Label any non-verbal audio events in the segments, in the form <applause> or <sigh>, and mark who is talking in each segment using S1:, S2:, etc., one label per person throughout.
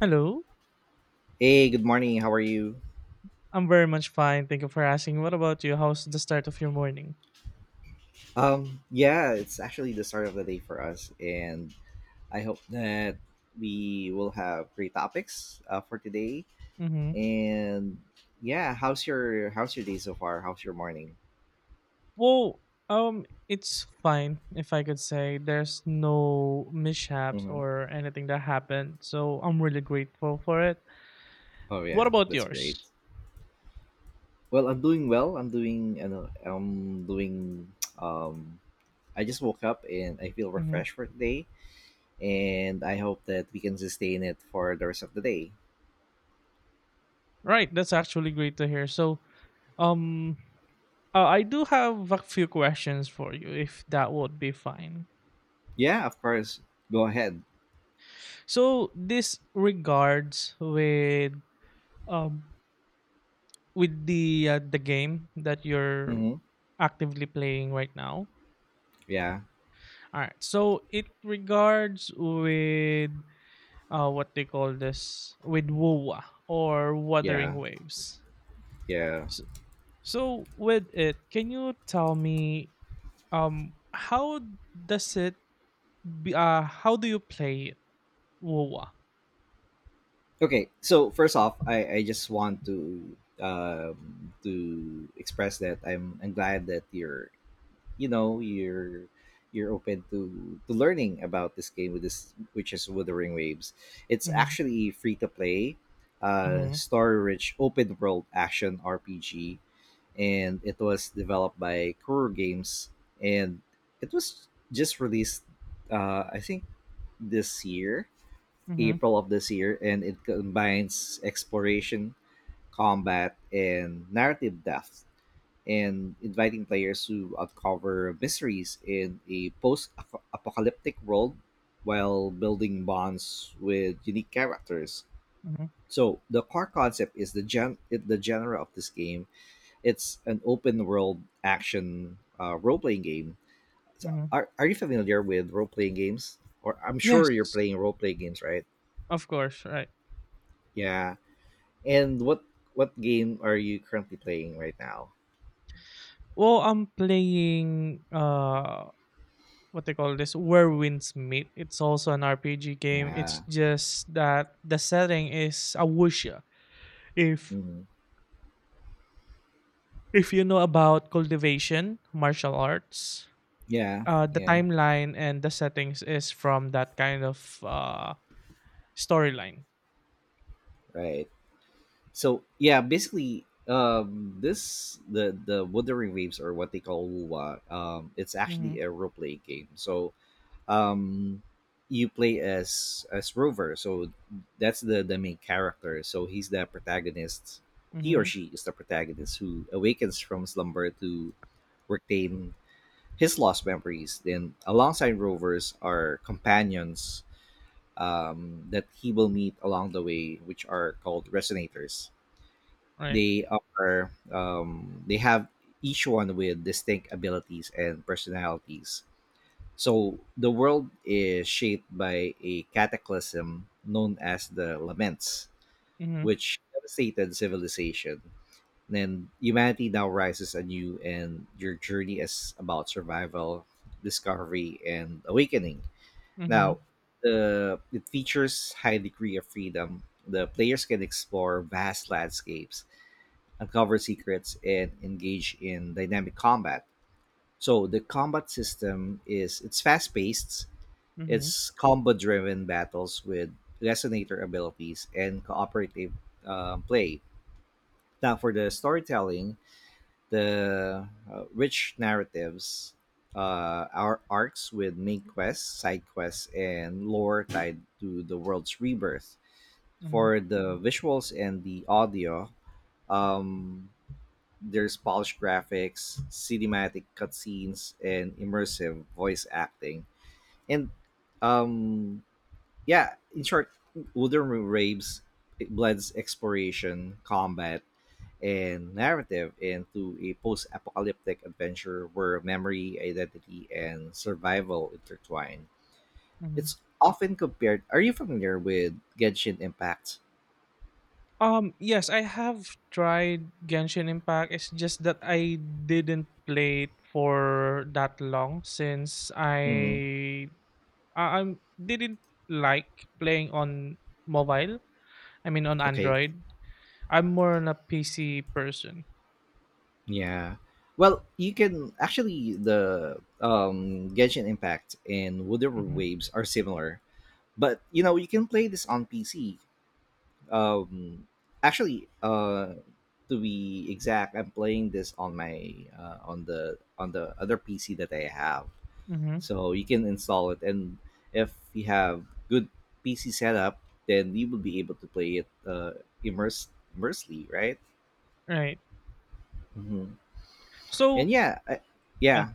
S1: Hello.
S2: Hey, good morning. How are you?
S1: I'm very much fine. Thank you for asking. What about you? How's the start of your morning?
S2: Yeah, it's actually the start of the day for us, and I hope that we will have great topics for today.
S1: Mm-hmm.
S2: And yeah, how's your day so far? How's your morning?
S1: Well, it's fine if I could say there's no mishaps
S2: hmm
S1: or anything that happened. So I'm really grateful for it.
S2: Oh
S1: What
S2: yeah,
S1: about
S2: that's great.
S1: yours?
S2: Well, I'm doing well. I'm doing um I just woke up and I feel
S1: Mm-hmm.
S2: refreshed for today, and I hope that we can sustain it for the rest of the day.
S1: Right, that's actually great to hear. So, um, I do have a few questions for you, if that would be fine.
S2: Yeah, of course. Go ahead.
S1: So this regards um with the game that you're
S2: hmm
S1: actively playing right now.
S2: Yeah.
S1: All right. So it regards with what they call this with WUWA or Wuthering
S2: Yeah,
S1: Waves.
S2: yeah.
S1: So, so with it, can you tell me how does it how do you play it? Wow!
S2: Okay, so first off, I just want to express that I'm glad that you're you're open to learning about this game, with this which is Wuthering Waves. It's
S1: Mhm,
S2: actually free to play,
S1: mhm,
S2: story-rich open world action RPG, and it was developed by Kuro Games, and it was just released, I think this year,
S1: mhm,
S2: April of this year. And it combines exploration, combat, and narrative depth, and inviting players to uncover mysteries in a post apocalyptic world while building bonds with unique characters.
S1: mhm,
S2: So the core concept is the genre of this game. It's an open world action, role playing game. So,
S1: mhm.
S2: are you familiar with role playing games? Or I'm sure you're
S1: Yes,
S2: playing role playing games, right?
S1: of course, right.
S2: Yeah. And what game are you currently playing right now?
S1: Well, I'm playing, what they call this where winds meet. It's also an rpg game. It's
S2: Yeah.
S1: just that the setting is awusha. if
S2: Mhm.
S1: if you know about cultivation martial arts,
S2: Yeah.
S1: the
S2: Yeah.
S1: timeline and the settings is from that kind of storyline.
S2: Right. So yeah, basically, this the Wuthering Waves, or what they call Wuwa. It's
S1: Mm-hmm,
S2: actually a role play game. So, um, you play as Rover. So that's the main character. So he's the protagonist. He or
S1: mm-hmm,
S2: she is the protagonist who awakens from slumber to retain his lost memories. Then, alongside Rovers are companions, that he will meet along the way, which are called resonators.
S1: right,
S2: They are, they have each one with distinct abilities and personalities. So the world is shaped by a cataclysm known as the Laments,
S1: mm-hmm,
S2: which devastated civilization. Then humanity now rises anew, and your journey is about survival, discovery, and awakening.
S1: mm-hmm,
S2: Now, the it features high degree of freedom. The players can explore vast landscapes, uncover secrets, and engage in dynamic combat. So the combat system is it's fast paced,
S1: mm-hmm,
S2: it's combo driven battles with resonator abilities and cooperative, play. Now for the storytelling, the rich narratives, our arcs with main quests, side quests, and lore tied to the world's rebirth.
S1: mm-hmm,
S2: For the visuals and the audio, um, there's polished graphics, cinematic cutscenes, and immersive voice acting. And um, yeah, in short, Wooden Room Raves, it blends exploration, combat, and narrative into a post-apocalyptic adventure where memory, identity, and survival intertwine.
S1: mm-hmm.
S2: It's often compared. Are you familiar with Genshin Impact?
S1: Yes, I have tried Genshin Impact. It's just that I didn't play it for that long since
S2: hmm
S1: I didn't like playing on mobile. I mean, on
S2: Okay.
S1: Android. I'm more on a PC person.
S2: Yeah. Well, you can actually, the Genshin Impact and Wooden Room
S1: Mm-hmm.
S2: Waves are similar, but you know you can play this on PC. Um, actually, to be exact, I'm playing this on my, on the other PC that I have,
S1: Mm-hmm.
S2: so you can install it. And if you have good PC setup, then you will be able to play it, immerse immersely, right?
S1: Right.
S2: hmm
S1: So
S2: And yeah, I,
S1: yeah,
S2: yeah.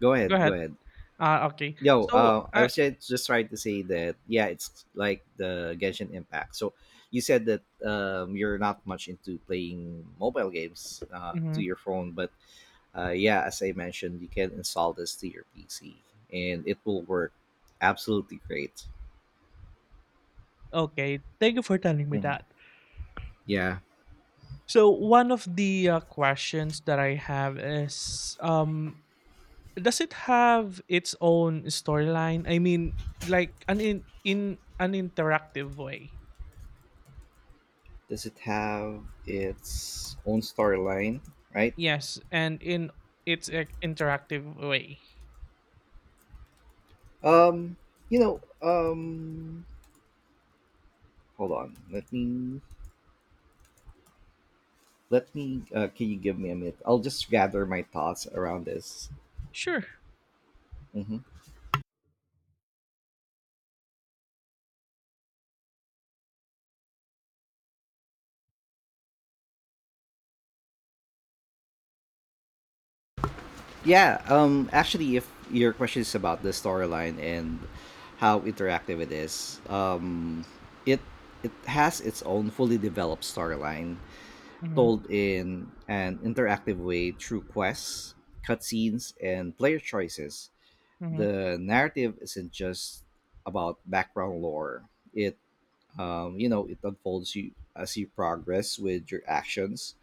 S2: Go
S1: go
S2: ahead. Go
S1: ahead.
S2: ahead.
S1: Ah, okay.
S2: Yo,
S1: So
S2: I
S1: I.
S2: was ju- just trying to say that yeah, it's like the Genshin Impact. So you said that, you're not much into playing mobile games, to
S1: Mhm.
S2: your phone, but, yeah, as I mentioned, you can install this to your PC and it will work absolutely great.
S1: Okay. Thank you for telling me
S2: Mhm.
S1: that.
S2: Yeah.
S1: So one of the questions that I have is does it have its own storyline? I mean, like an in an interactive way.
S2: Does it have its own storyline? Right.
S1: Yes, and in its a interactive way.
S2: Um. You know. Um. Hold on. Let me, can you give me a minute? I'll just gather my thoughts around this.
S1: Sure.
S2: hmm yeah. Actually, if your question is about the storyline and how interactive it is, it it has its own fully developed storyline, told
S1: Mm-hmm.
S2: in an interactive way through quests, cutscenes, and player choices.
S1: Mm-hmm.
S2: The narrative isn't just about background lore. It it unfolds you as you progress with your actions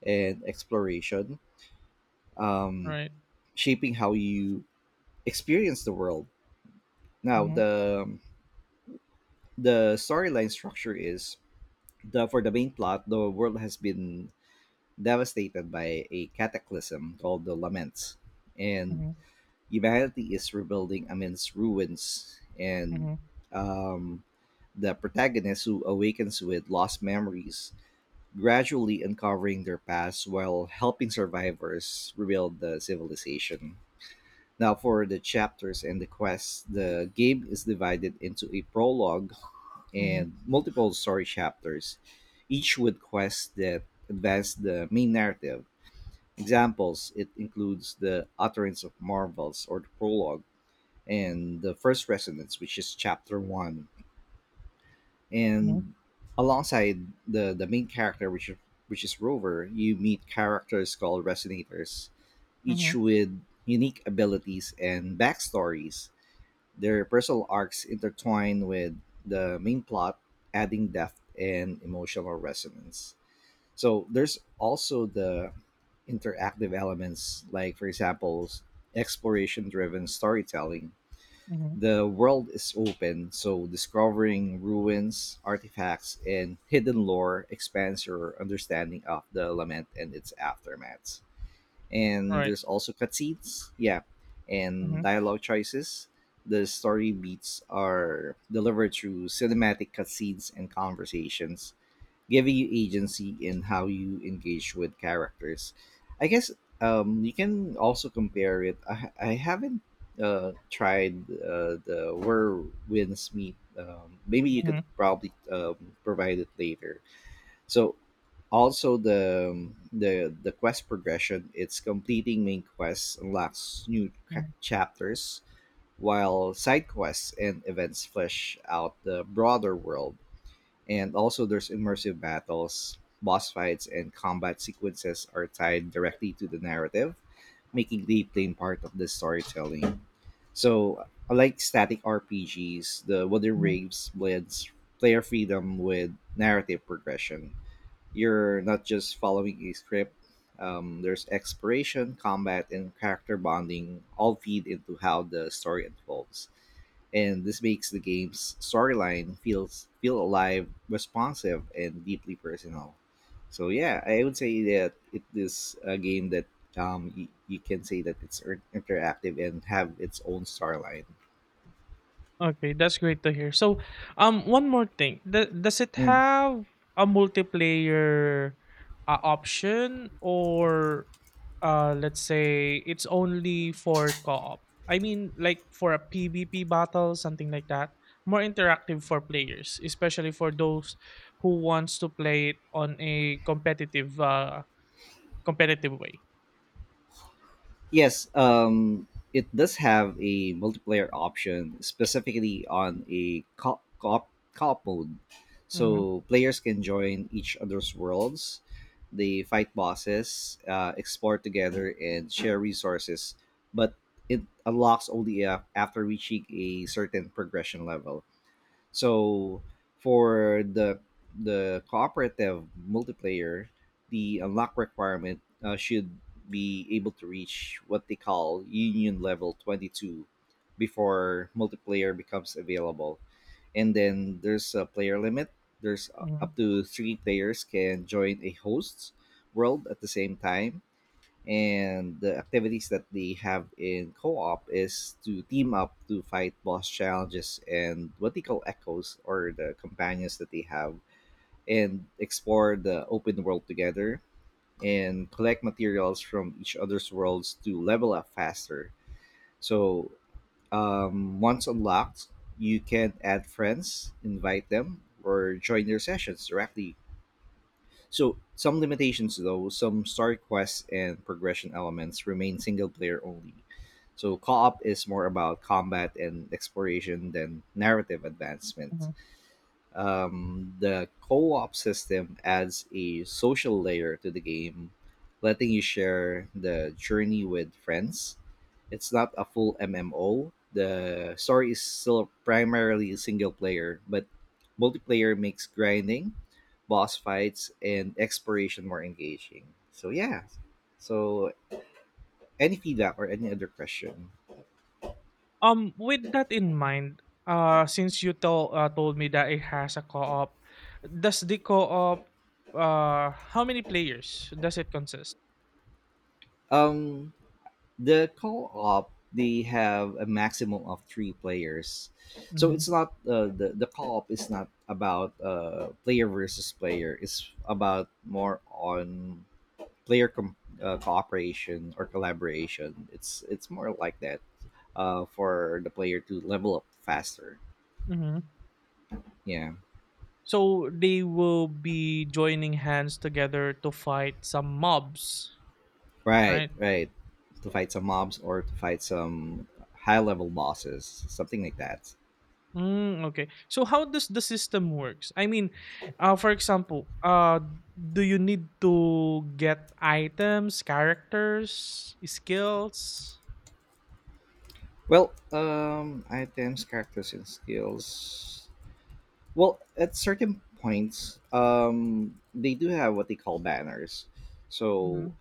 S2: and exploration, um,
S1: Right.
S2: shaping how you experience the world. Now,
S1: Mm-hmm.
S2: the storyline structure is the for the main plot, the world has been devastated by a cataclysm called the Laments, and
S1: Mm-hmm.
S2: humanity is rebuilding amidst ruins. And,
S1: Mm-hmm.
S2: um, the protagonist, who awakens with lost memories, gradually uncovering their past while helping survivors rebuild the civilization. Now, for the chapters and the quests, the game is divided into a prologue
S1: Mm-hmm.
S2: and multiple story chapters, each with quests that advance the main narrative. Examples it includes the Utterance of Marvels, or the prologue, and the First Resonance, which is chapter one,
S1: Mm-hmm.
S2: and alongside the main character, which is Rover, you meet characters called resonators,
S1: Mm-hmm.
S2: each with unique abilities and backstories. Their personal arcs intertwine with the main plot, adding depth and emotional resonance. So there's also the interactive elements, like for example, exploration driven storytelling.
S1: Mm-hmm.
S2: The world is open, so discovering ruins, artifacts, and hidden lore expands your understanding of the lament and its aftermath. And
S1: Right.
S2: there's also cutscenes, yeah, and
S1: Mm-hmm.
S2: dialogue choices. The story beats are delivered through cinematic cutscenes and conversations, giving you agency in how you engage with characters. I guess, you can also compare it. I haven't, tried, the Where Winds Meet. Maybe you could
S1: Mm-hmm.
S2: probably, provide it later. So also the quest progression. It's completing main quests unlocks new
S1: Mm-hmm,
S2: chapters, while side quests and events flesh out the broader world. And also, there's immersive battles, boss fights, and combat sequences are tied directly to the narrative, making replaying part of the storytelling. So, unlike static RPGs, the Wooden
S1: mm-hmm.
S2: Raves blends player freedom with narrative progression. You're not just following a script. There's exploration, combat, and character bonding all feed into how the story unfolds, and this makes the game's storyline feel alive, responsive, and deeply personal. So yeah, I would say that it is a game that, you can say that it's interactive and have its own storyline.
S1: Okay, that's great to hear. So, one more thing. Th- does it
S2: Mm.
S1: have a multiplayer option or let's say it's only for co-op? I mean, like for a PvP battle, something like that. More interactive for players, especially for those who wants to play it on a competitive way.
S2: Yes, it does have a multiplayer option, specifically on a co-op, mode.
S1: Mhm,
S2: So players can join each other's worlds, they fight bosses, explore together, and share resources. But it unlocks only, after reaching a certain progression level. So for the, cooperative multiplayer, the unlock requirement, should be able to reach what they call union level 22 before multiplayer becomes available. And then there's a player limit. There's, up
S1: mhm,
S2: to three players can join a host's world at the same time, and the activities that they have in co-op is to team up to fight boss challenges, and what they call echoes, or the companions that they have, and explore the open world together, and collect materials from each other's worlds to level up faster. So, once unlocked, you can add friends, invite them, or join their sessions directly. So some limitations though, some story quests and progression elements remain single player only. So co-op is more about combat and exploration than narrative advancement.
S1: mhm.
S2: The co op system adds a social layer to the game, letting you share the journey with friends. It's not a full MMO. The story is still primarily single player, but multiplayer makes grinding, boss fights, and exploration more engaging. So, yeah. So, any feedback or any other question?
S1: With that in mind, since you told me that it has a co-op, does the co-op how many players does it consist?
S2: Um, the co-op they have a maximum of three players, so it's
S1: Mhm,
S2: not, the co-op is not about, player versus player. It's about more on player com- cooperation, or collaboration. It's more like that, for the player to level up faster.
S1: mhm.
S2: Yeah.
S1: So they will be joining hands together to fight some mobs,
S2: Right,
S1: right?
S2: right. To fight some mobs, or to fight some high level bosses, something like that.
S1: Mm, okay. So how does the system works? I mean, for example, do you need to get items, characters, skills?
S2: Well, items, characters, and skills. Well, at certain points, they do have what they call banners. So,
S1: Mhm,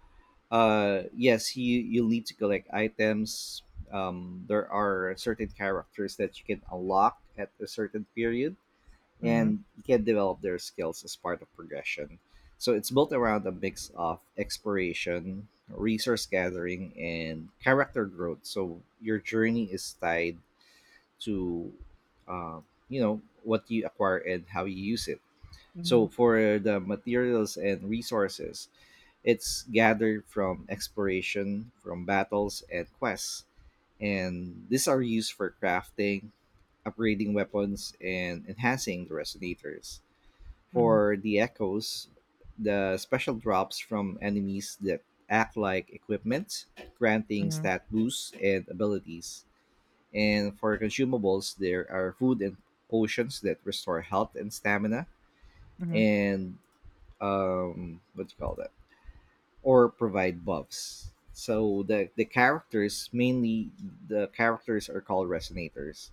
S2: yes, you need to collect items. There are certain characters that you can unlock at a certain period,
S1: mhm,
S2: and you can develop their skills as part of progression. So it's built around a mix of exploration, resource gathering, and character growth. So your journey is tied to, uh, you know what you acquire and how you use it. So
S1: mhm,
S2: for the materials and resources, it's gathered from exploration, from battles and quests, and these are used for crafting, upgrading weapons, and enhancing the resonators.
S1: mhm,
S2: For the echoes, the special drops from enemies that act like equipment, granting
S1: mhm,
S2: stat boosts and abilities. And for consumables, there are food and potions that restore health and stamina,
S1: mhm.
S2: and, what do you call that? Or provide buffs. So the characters, mainly the characters, are called resonators.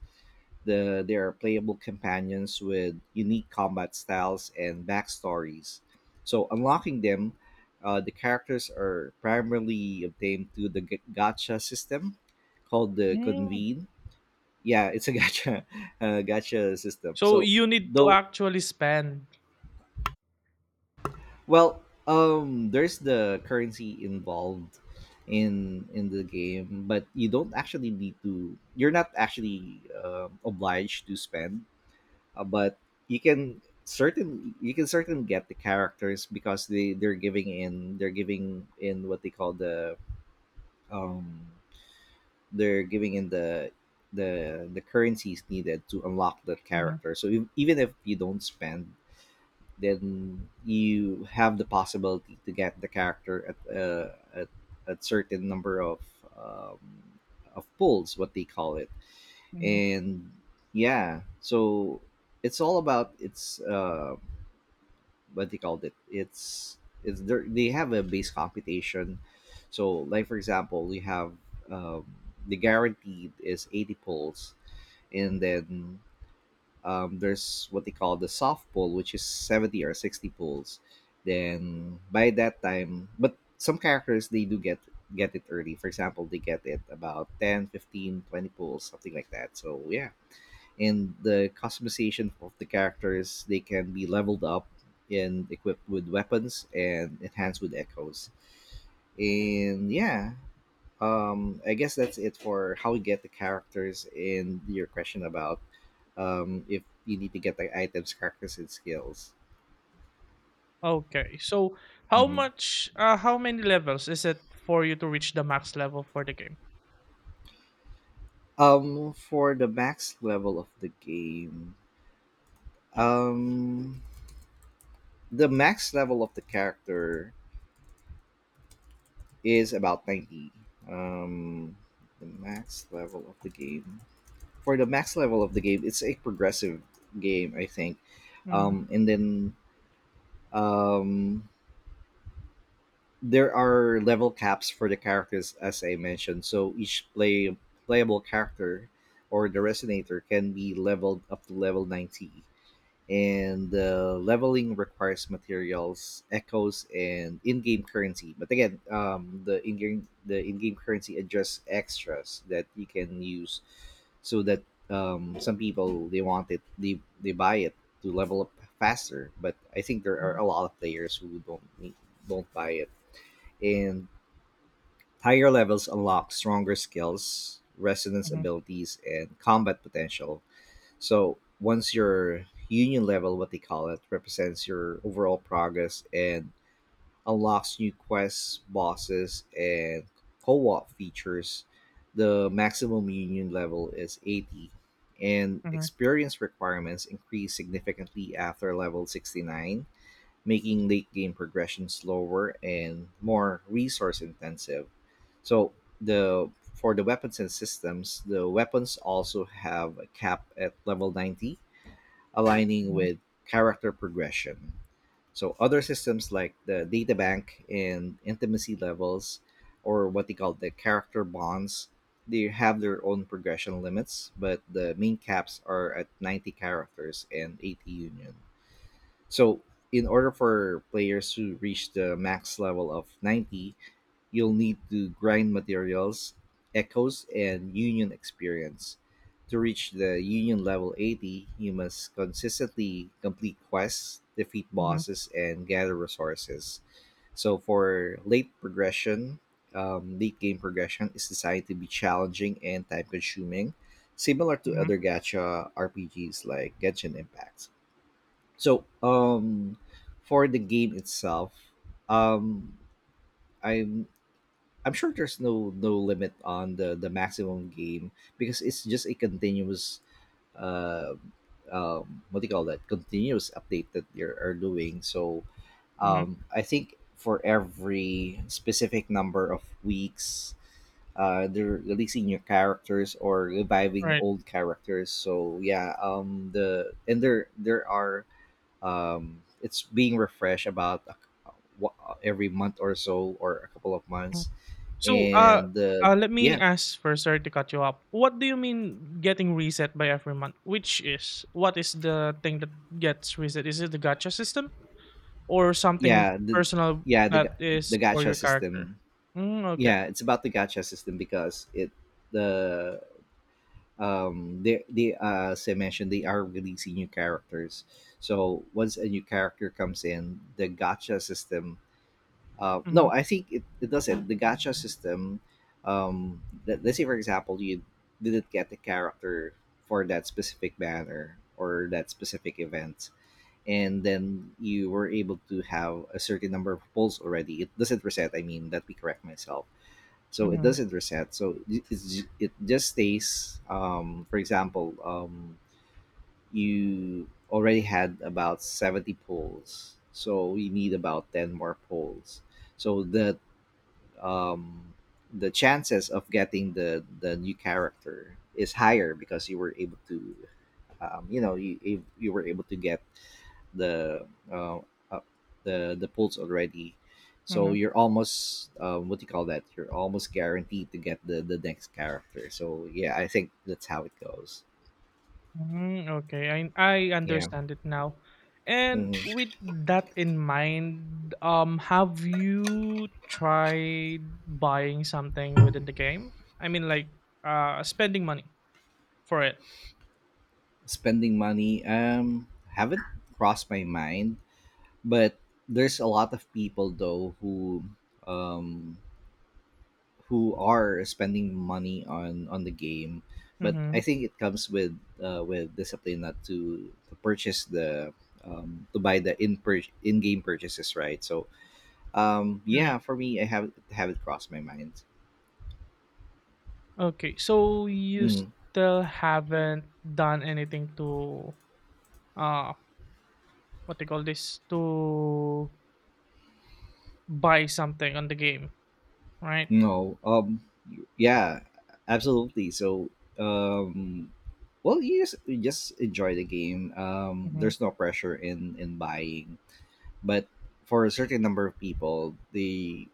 S2: The they are playable companions with unique combat styles and backstories. So unlocking them, the characters are primarily obtained through the gacha system called the
S1: Mm.
S2: convene. Yeah, it's a <laughs> gacha system.
S1: So
S2: So
S1: you need to
S2: though,
S1: actually spend.
S2: well, there's the currency involved in the game, but you don't actually need to, you're not actually obliged to spend, but you can certain— you can certainly get the characters because they they're giving in what they call the um they're giving in the currencies needed to unlock the
S1: Mhm,
S2: character. So if, even if you don't spend, then you have the possibility to get the character at certain number um, of pulls, what they call it.
S1: mhm.
S2: And yeah, so it's all about— it's what they called it. It's there, they have a base computation. So, like, for example, we have um, the guaranteed is 80 pulls, and then there's what they call the soft pull, which is 70 or 60 pulls. Then by that time, but some characters they do get it early. For example, they get it about 10, 15, 20 15, pulls, something like that. So yeah. And the customization of the characters, they can be leveled up and equipped with weapons and enhanced with echoes. And yeah, I guess that's it for how we get the characters and your question about if you need to get the items, characters, and skills.
S1: Okay. So how
S2: hmm
S1: much how many levels is it for you to reach the max level for the game?
S2: for the max level of the game, um the max level of the character is about 90. um the max level of the game, for the max level of the game, it's a progressive game, I think.
S1: Mhm,
S2: And then um there are level caps for the characters, as I mentioned. So each playable character or the resonator can be leveled up to level 90. And leveling requires materials, echoes, and in-game currency. But again, the in-game currency adjusts extras that you can use, so that some people they want it, they buy it to level up faster. But I think there are
S1: mhm,
S2: a lot of players who don't need, don't buy it, and higher levels unlock stronger skills, resonance
S1: mhm,
S2: abilities, and combat potential. So once your union level, what they call it, represents your overall progress and unlocks new quests, bosses, and co-op features. The maximum union level is 80, and
S1: mhm,
S2: experience requirements increase significantly after level 69, making late game progression slower and more resource intensive. So the— for the weapons and systems, the weapons also have a cap at level 90, aligning with character progression. So other systems like the data bank and intimacy levels, or what they call the character bonds, they have their own progression limits, but the main caps are at 90 characters and 80 union. So, in order for players to reach the max level of 90, you'll need to grind materials, echoes, and union experience. To reach the union level 80, you must consistently complete quests, defeat
S1: mhm, mhm,
S2: bosses, and gather resources. So, for late progression, late game progression is designed to be challenging and time consuming, similar to
S1: mhm,
S2: other gacha RPGs like Genshin Impact. So, for the game itself, um, I'm I'm sure there's no limit on the maximum game because it's just a continuous uh, what do you call that? Continuous update that they are doing. So,
S1: mhm.
S2: I think for every specific number of weeks, they're releasing new characters or reviving
S1: Right.
S2: old characters. So yeah, the— and there are it's being refreshed about a— wa— every month or so, or a couple of months.
S1: So, uh,
S2: And
S1: uh, let me
S2: yeah.
S1: ask first, sorry to cut you up. What do you mean getting reset by every month? Which is what is the thing that gets reset? Is it the gacha system or something
S2: yeah the
S1: personal
S2: yeah the
S1: that
S2: ga-
S1: is
S2: the
S1: for
S2: gacha
S1: your character?
S2: system.
S1: Mm, okay.
S2: Yeah, it's about the gacha system, because it— the they as I mentioned, they are releasing new characters. So once a new character comes in the gacha system—
S1: Mm-hmm,
S2: no, I think it, it doesn't. The gacha system, let, let's say for example, you didn't get the character for that specific banner or that specific event, and then you were able to have a certain number of pulls already. It doesn't reset. I mean, let me correct myself. So it
S1: mm-hmm,
S2: doesn't reset. So it, it's, it just stays. For example, you already had about 70 pulls, so you need about ten more pulls. So um, the chances of getting the new character is higher because you were able to you know, you were able to get the uh, uh, the pulls already. So
S1: mm-hmm,
S2: you're almost what do you call that, you're almost guaranteed to get the next character. So yeah, I think that's how it goes.
S1: mm-hmm, okay, I
S2: Yeah.
S1: understand it now. And
S2: Mhm.
S1: with that in mind, have you tried buying something within the game? I mean, like, spending money. For it.
S2: Spending money, haven't crossed my mind, but there's a lot of people though um who are spending money on the game. But I
S1: Mhm.
S2: think it comes with discipline not to, to purchase the, to buy the in pur— in game purchases, right? So
S1: Right.
S2: yeah, for me, I have— it crossed my mind.
S1: Okay. So you
S2: Mm,
S1: still haven't done anything to uh what they call this to buy something on the game, right?
S2: no, yeah, absolutely. So um well, you just— you just enjoy the game.
S1: Mhm.
S2: There's no pressure in buying. But for a certain number of people,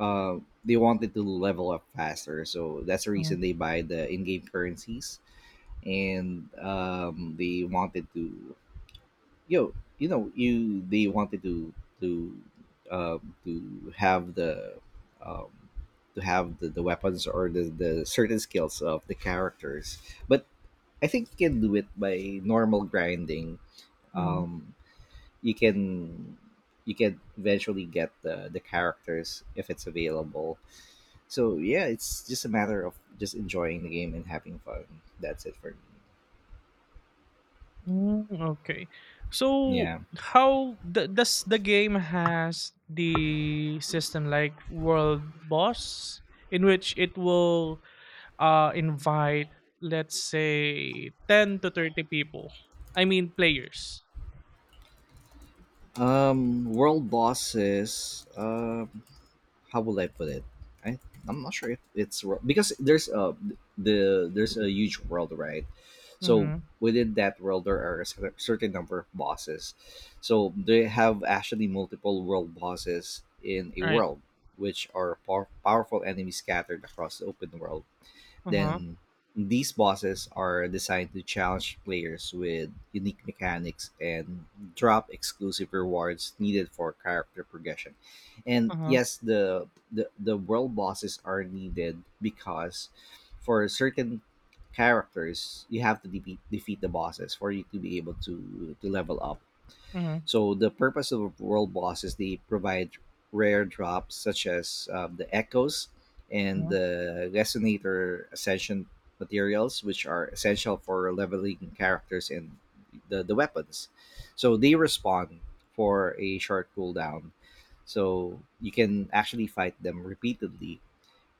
S2: uh, they wanted to level up faster. So that's the
S1: Mhm.
S2: reason they buy the in-game currencies, and they wanted to, yo, you know, you they wanted to, to to have the, um, to have the weapons or the certain skills of the characters. But I think you can do it by normal grinding.
S1: Mhm.
S2: Um, you can eventually get the characters if it's available. So yeah, it's just a matter of just enjoying the game and having fun. That's it for me.
S1: Mm, okay. So
S2: Yeah.
S1: how th- does the game has the system like world boss in which it will invite let's say 10 to 30 people. I mean players.
S2: World bosses. How will I put it? I— I'm not sure if it's wor— because there's the— there's a huge world, right? So
S1: Mhm.
S2: within that world, there are a cer— certain number of bosses. So they have actually multiple world bosses in a
S1: Right.
S2: world, which are pow— powerful enemies scattered across the open world.
S1: Uh-huh.
S2: Then these bosses are designed to challenge players with unique mechanics and drop exclusive rewards needed for character progression. And
S1: Uh-huh.
S2: yes, the— the world bosses are needed because for certain characters you have to defeat the bosses for you to be able to level up.
S1: Mhm.
S2: So the purpose of world boss is they provide rare drops such as, the echoes and
S1: Mhm.
S2: the resonator ascension materials, which are essential for leveling characters and the weapons. So they respawn for a short cooldown. So you can actually fight them repeatedly.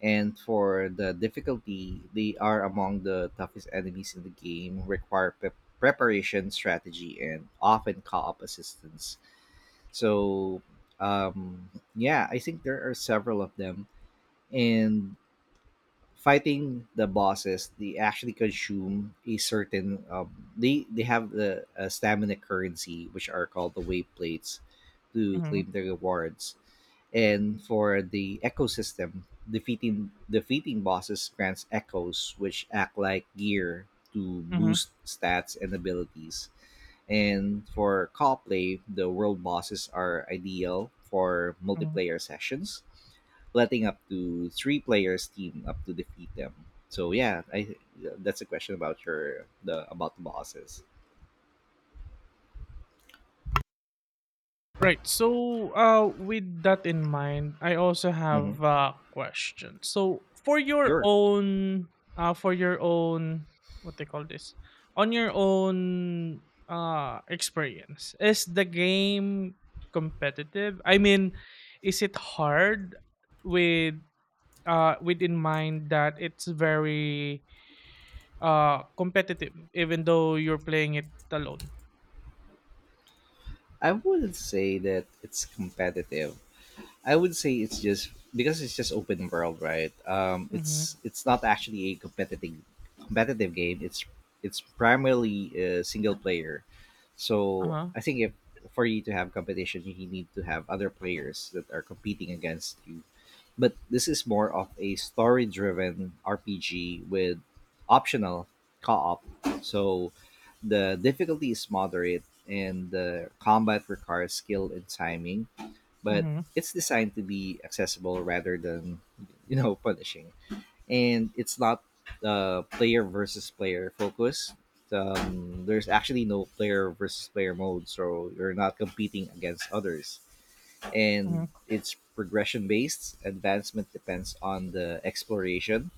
S2: And for the difficulty, they are among the toughest enemies in the game, require pre— preparation, strategy, and often call up assistance. So, um, yeah, I think there are several of them. And fighting the bosses, they actually consume a certain, they have the stamina currency which are called the wave plates to
S1: Mhm.
S2: claim their rewards. And for the ecosystem, defeating bosses grants echoes which act like gear to
S1: Mhm.
S2: boost stats and abilities. And for co-play, the world bosses are ideal for
S1: Mhm.
S2: multiplayer sessions, letting up to three players team up to defeat them. So yeah, I— that's a question about your— the— about the bosses.
S1: Right. So, with that in mind, I also
S2: Hmm.
S1: have a question. So,
S2: Sure.
S1: for your own, what they call this, on your own, experience, is the game competitive? I mean, is it hard with, with in mind that it's very competitive even though you're playing it alone?
S2: I wouldn't say that it's competitive. I would say it's just because it's just open world, right?
S1: Mhm.
S2: It's— it's not actually a competitive game. It's— it's primarily single player. So
S1: Uh-huh.
S2: I think if— for you to have competition, you need to have other players that are competing against you. But this is more of a story-driven RPG with optional co-op. So the difficulty is moderate and the combat requires skill and timing, but
S1: Mhm.
S2: it's designed to be accessible rather than, you know, punishing. And it's not player versus player focus. There's actually no player versus player mode, so you're not competing against others. And
S1: Mhm.
S2: it's progression based. Advancement depends on the exploration,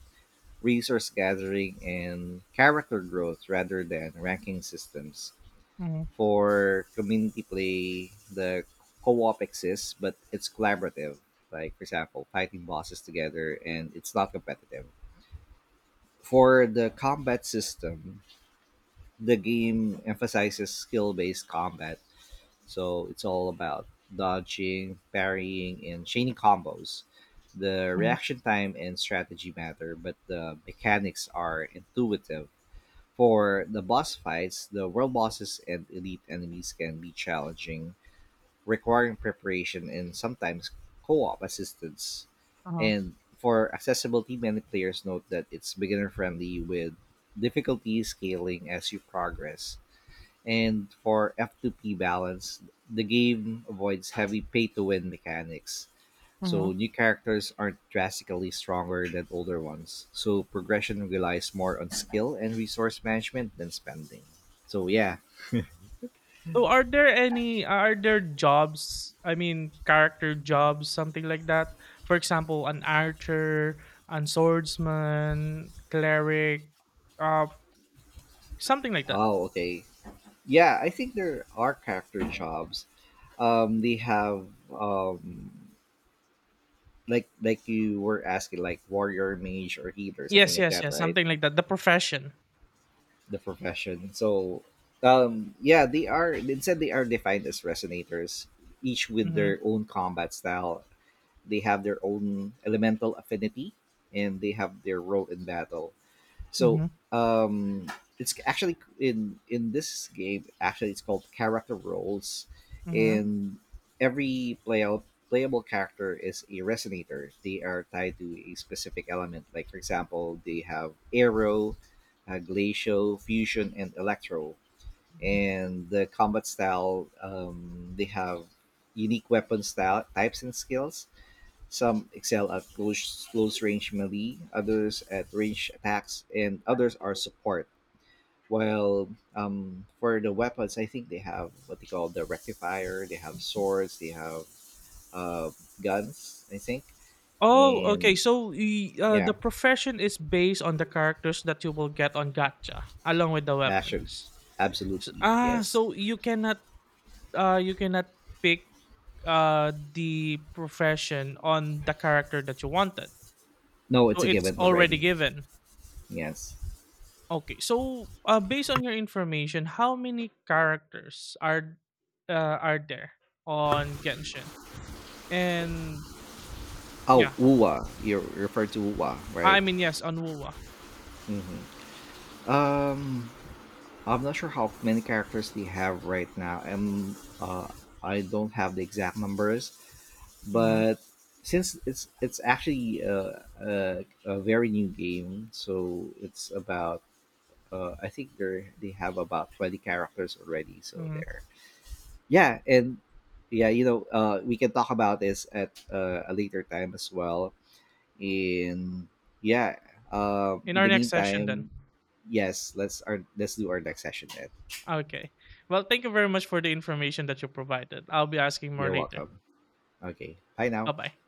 S2: resource gathering, and character growth rather than ranking systems.
S1: Mhm.
S2: For community play, the co op exists, but it's collaborative. Like, for example, fighting bosses together, and it's not competitive. For the combat system, the game emphasizes skill based combat. So it's all about dodging, parrying, and chaining combos. The
S1: Mhm.
S2: reaction time and strategy matter, but the mechanics are intuitive. For the boss fights, the world bosses and elite enemies can be challenging, requiring preparation and sometimes co op assistance.
S1: Uh-huh.
S2: And for accessibility, many players note that it's beginner friendly with difficulty scaling as you progress. And for F2P balance, the game avoids heavy pay to win mechanics.
S1: Mhm.
S2: So new characters aren't drastically stronger than older ones. So progression relies more on skill and resource management than spending. So yeah.
S1: So are there any are there jobs, I mean, character jobs, something like that? For example, an archer, an swordsman, cleric, uh, something like that.
S2: Oh, okay. Yeah, I think there are character jobs. They have um like you were asking, like warrior, mage, or healer, something
S1: Yes,
S2: like
S1: yes,
S2: that,
S1: yes,
S2: right?
S1: something like that. The profession.
S2: The profession. So, yeah, they are. Instead, they are defined as resonators, each with
S1: Mhm.
S2: their own combat style. They have their own elemental affinity, and they have their role in battle. So
S1: Mhm.
S2: um, it's actually in— in this game. Actually, it's called character roles,
S1: Mhm.
S2: and every playout playable character is a resonator. They are tied to a specific element. Like, for example, they have arrow, glacial, fusion, and electro.
S1: Mhm.
S2: And the combat style, they have unique weapon style types and skills. Some excel at close, close range melee, others at range attacks, and others are support. While for the weapons, I think they have what they call the rectifier, they have swords, they have uh, guns, I think.
S1: Oh, okay.
S2: And
S1: So the
S2: yeah,
S1: profession is based on the characters that you will get on Gacha, along with the
S2: actually,
S1: weapons.
S2: absolutely, yes.
S1: So you cannot uh you cannot pick the profession on the character that you wanted.
S2: No, it's
S1: So
S2: a
S1: it's
S2: given
S1: already
S2: already.
S1: given.
S2: Yes.
S1: Okay. So based on your information, how many characters are there on Genshin? And
S2: Oh,
S1: yeah,
S2: Uwa. You refer to Uwa, right?
S1: I mean yes, on WoWa.
S2: Mm-hmm. Um, I'm not sure how many characters they have right now, and I don't have the exact numbers.
S1: Hmm.
S2: But since it's— it's actually a very new game, so it's about I think they have about 20 characters already. So
S1: Hmm.
S2: there, yeah. And yeah, you know, we can talk about this at a later time as well. And yeah,
S1: In
S2: in
S1: our
S2: the
S1: next session then.
S2: meantime, yes, let's our— let's do our next session. Then
S1: Okay. Well, thank you very much for the information that you provided. I'll be asking more
S2: you're
S1: later.
S2: welcome. Okay. Bye
S1: Bye
S2: now.
S1: bye.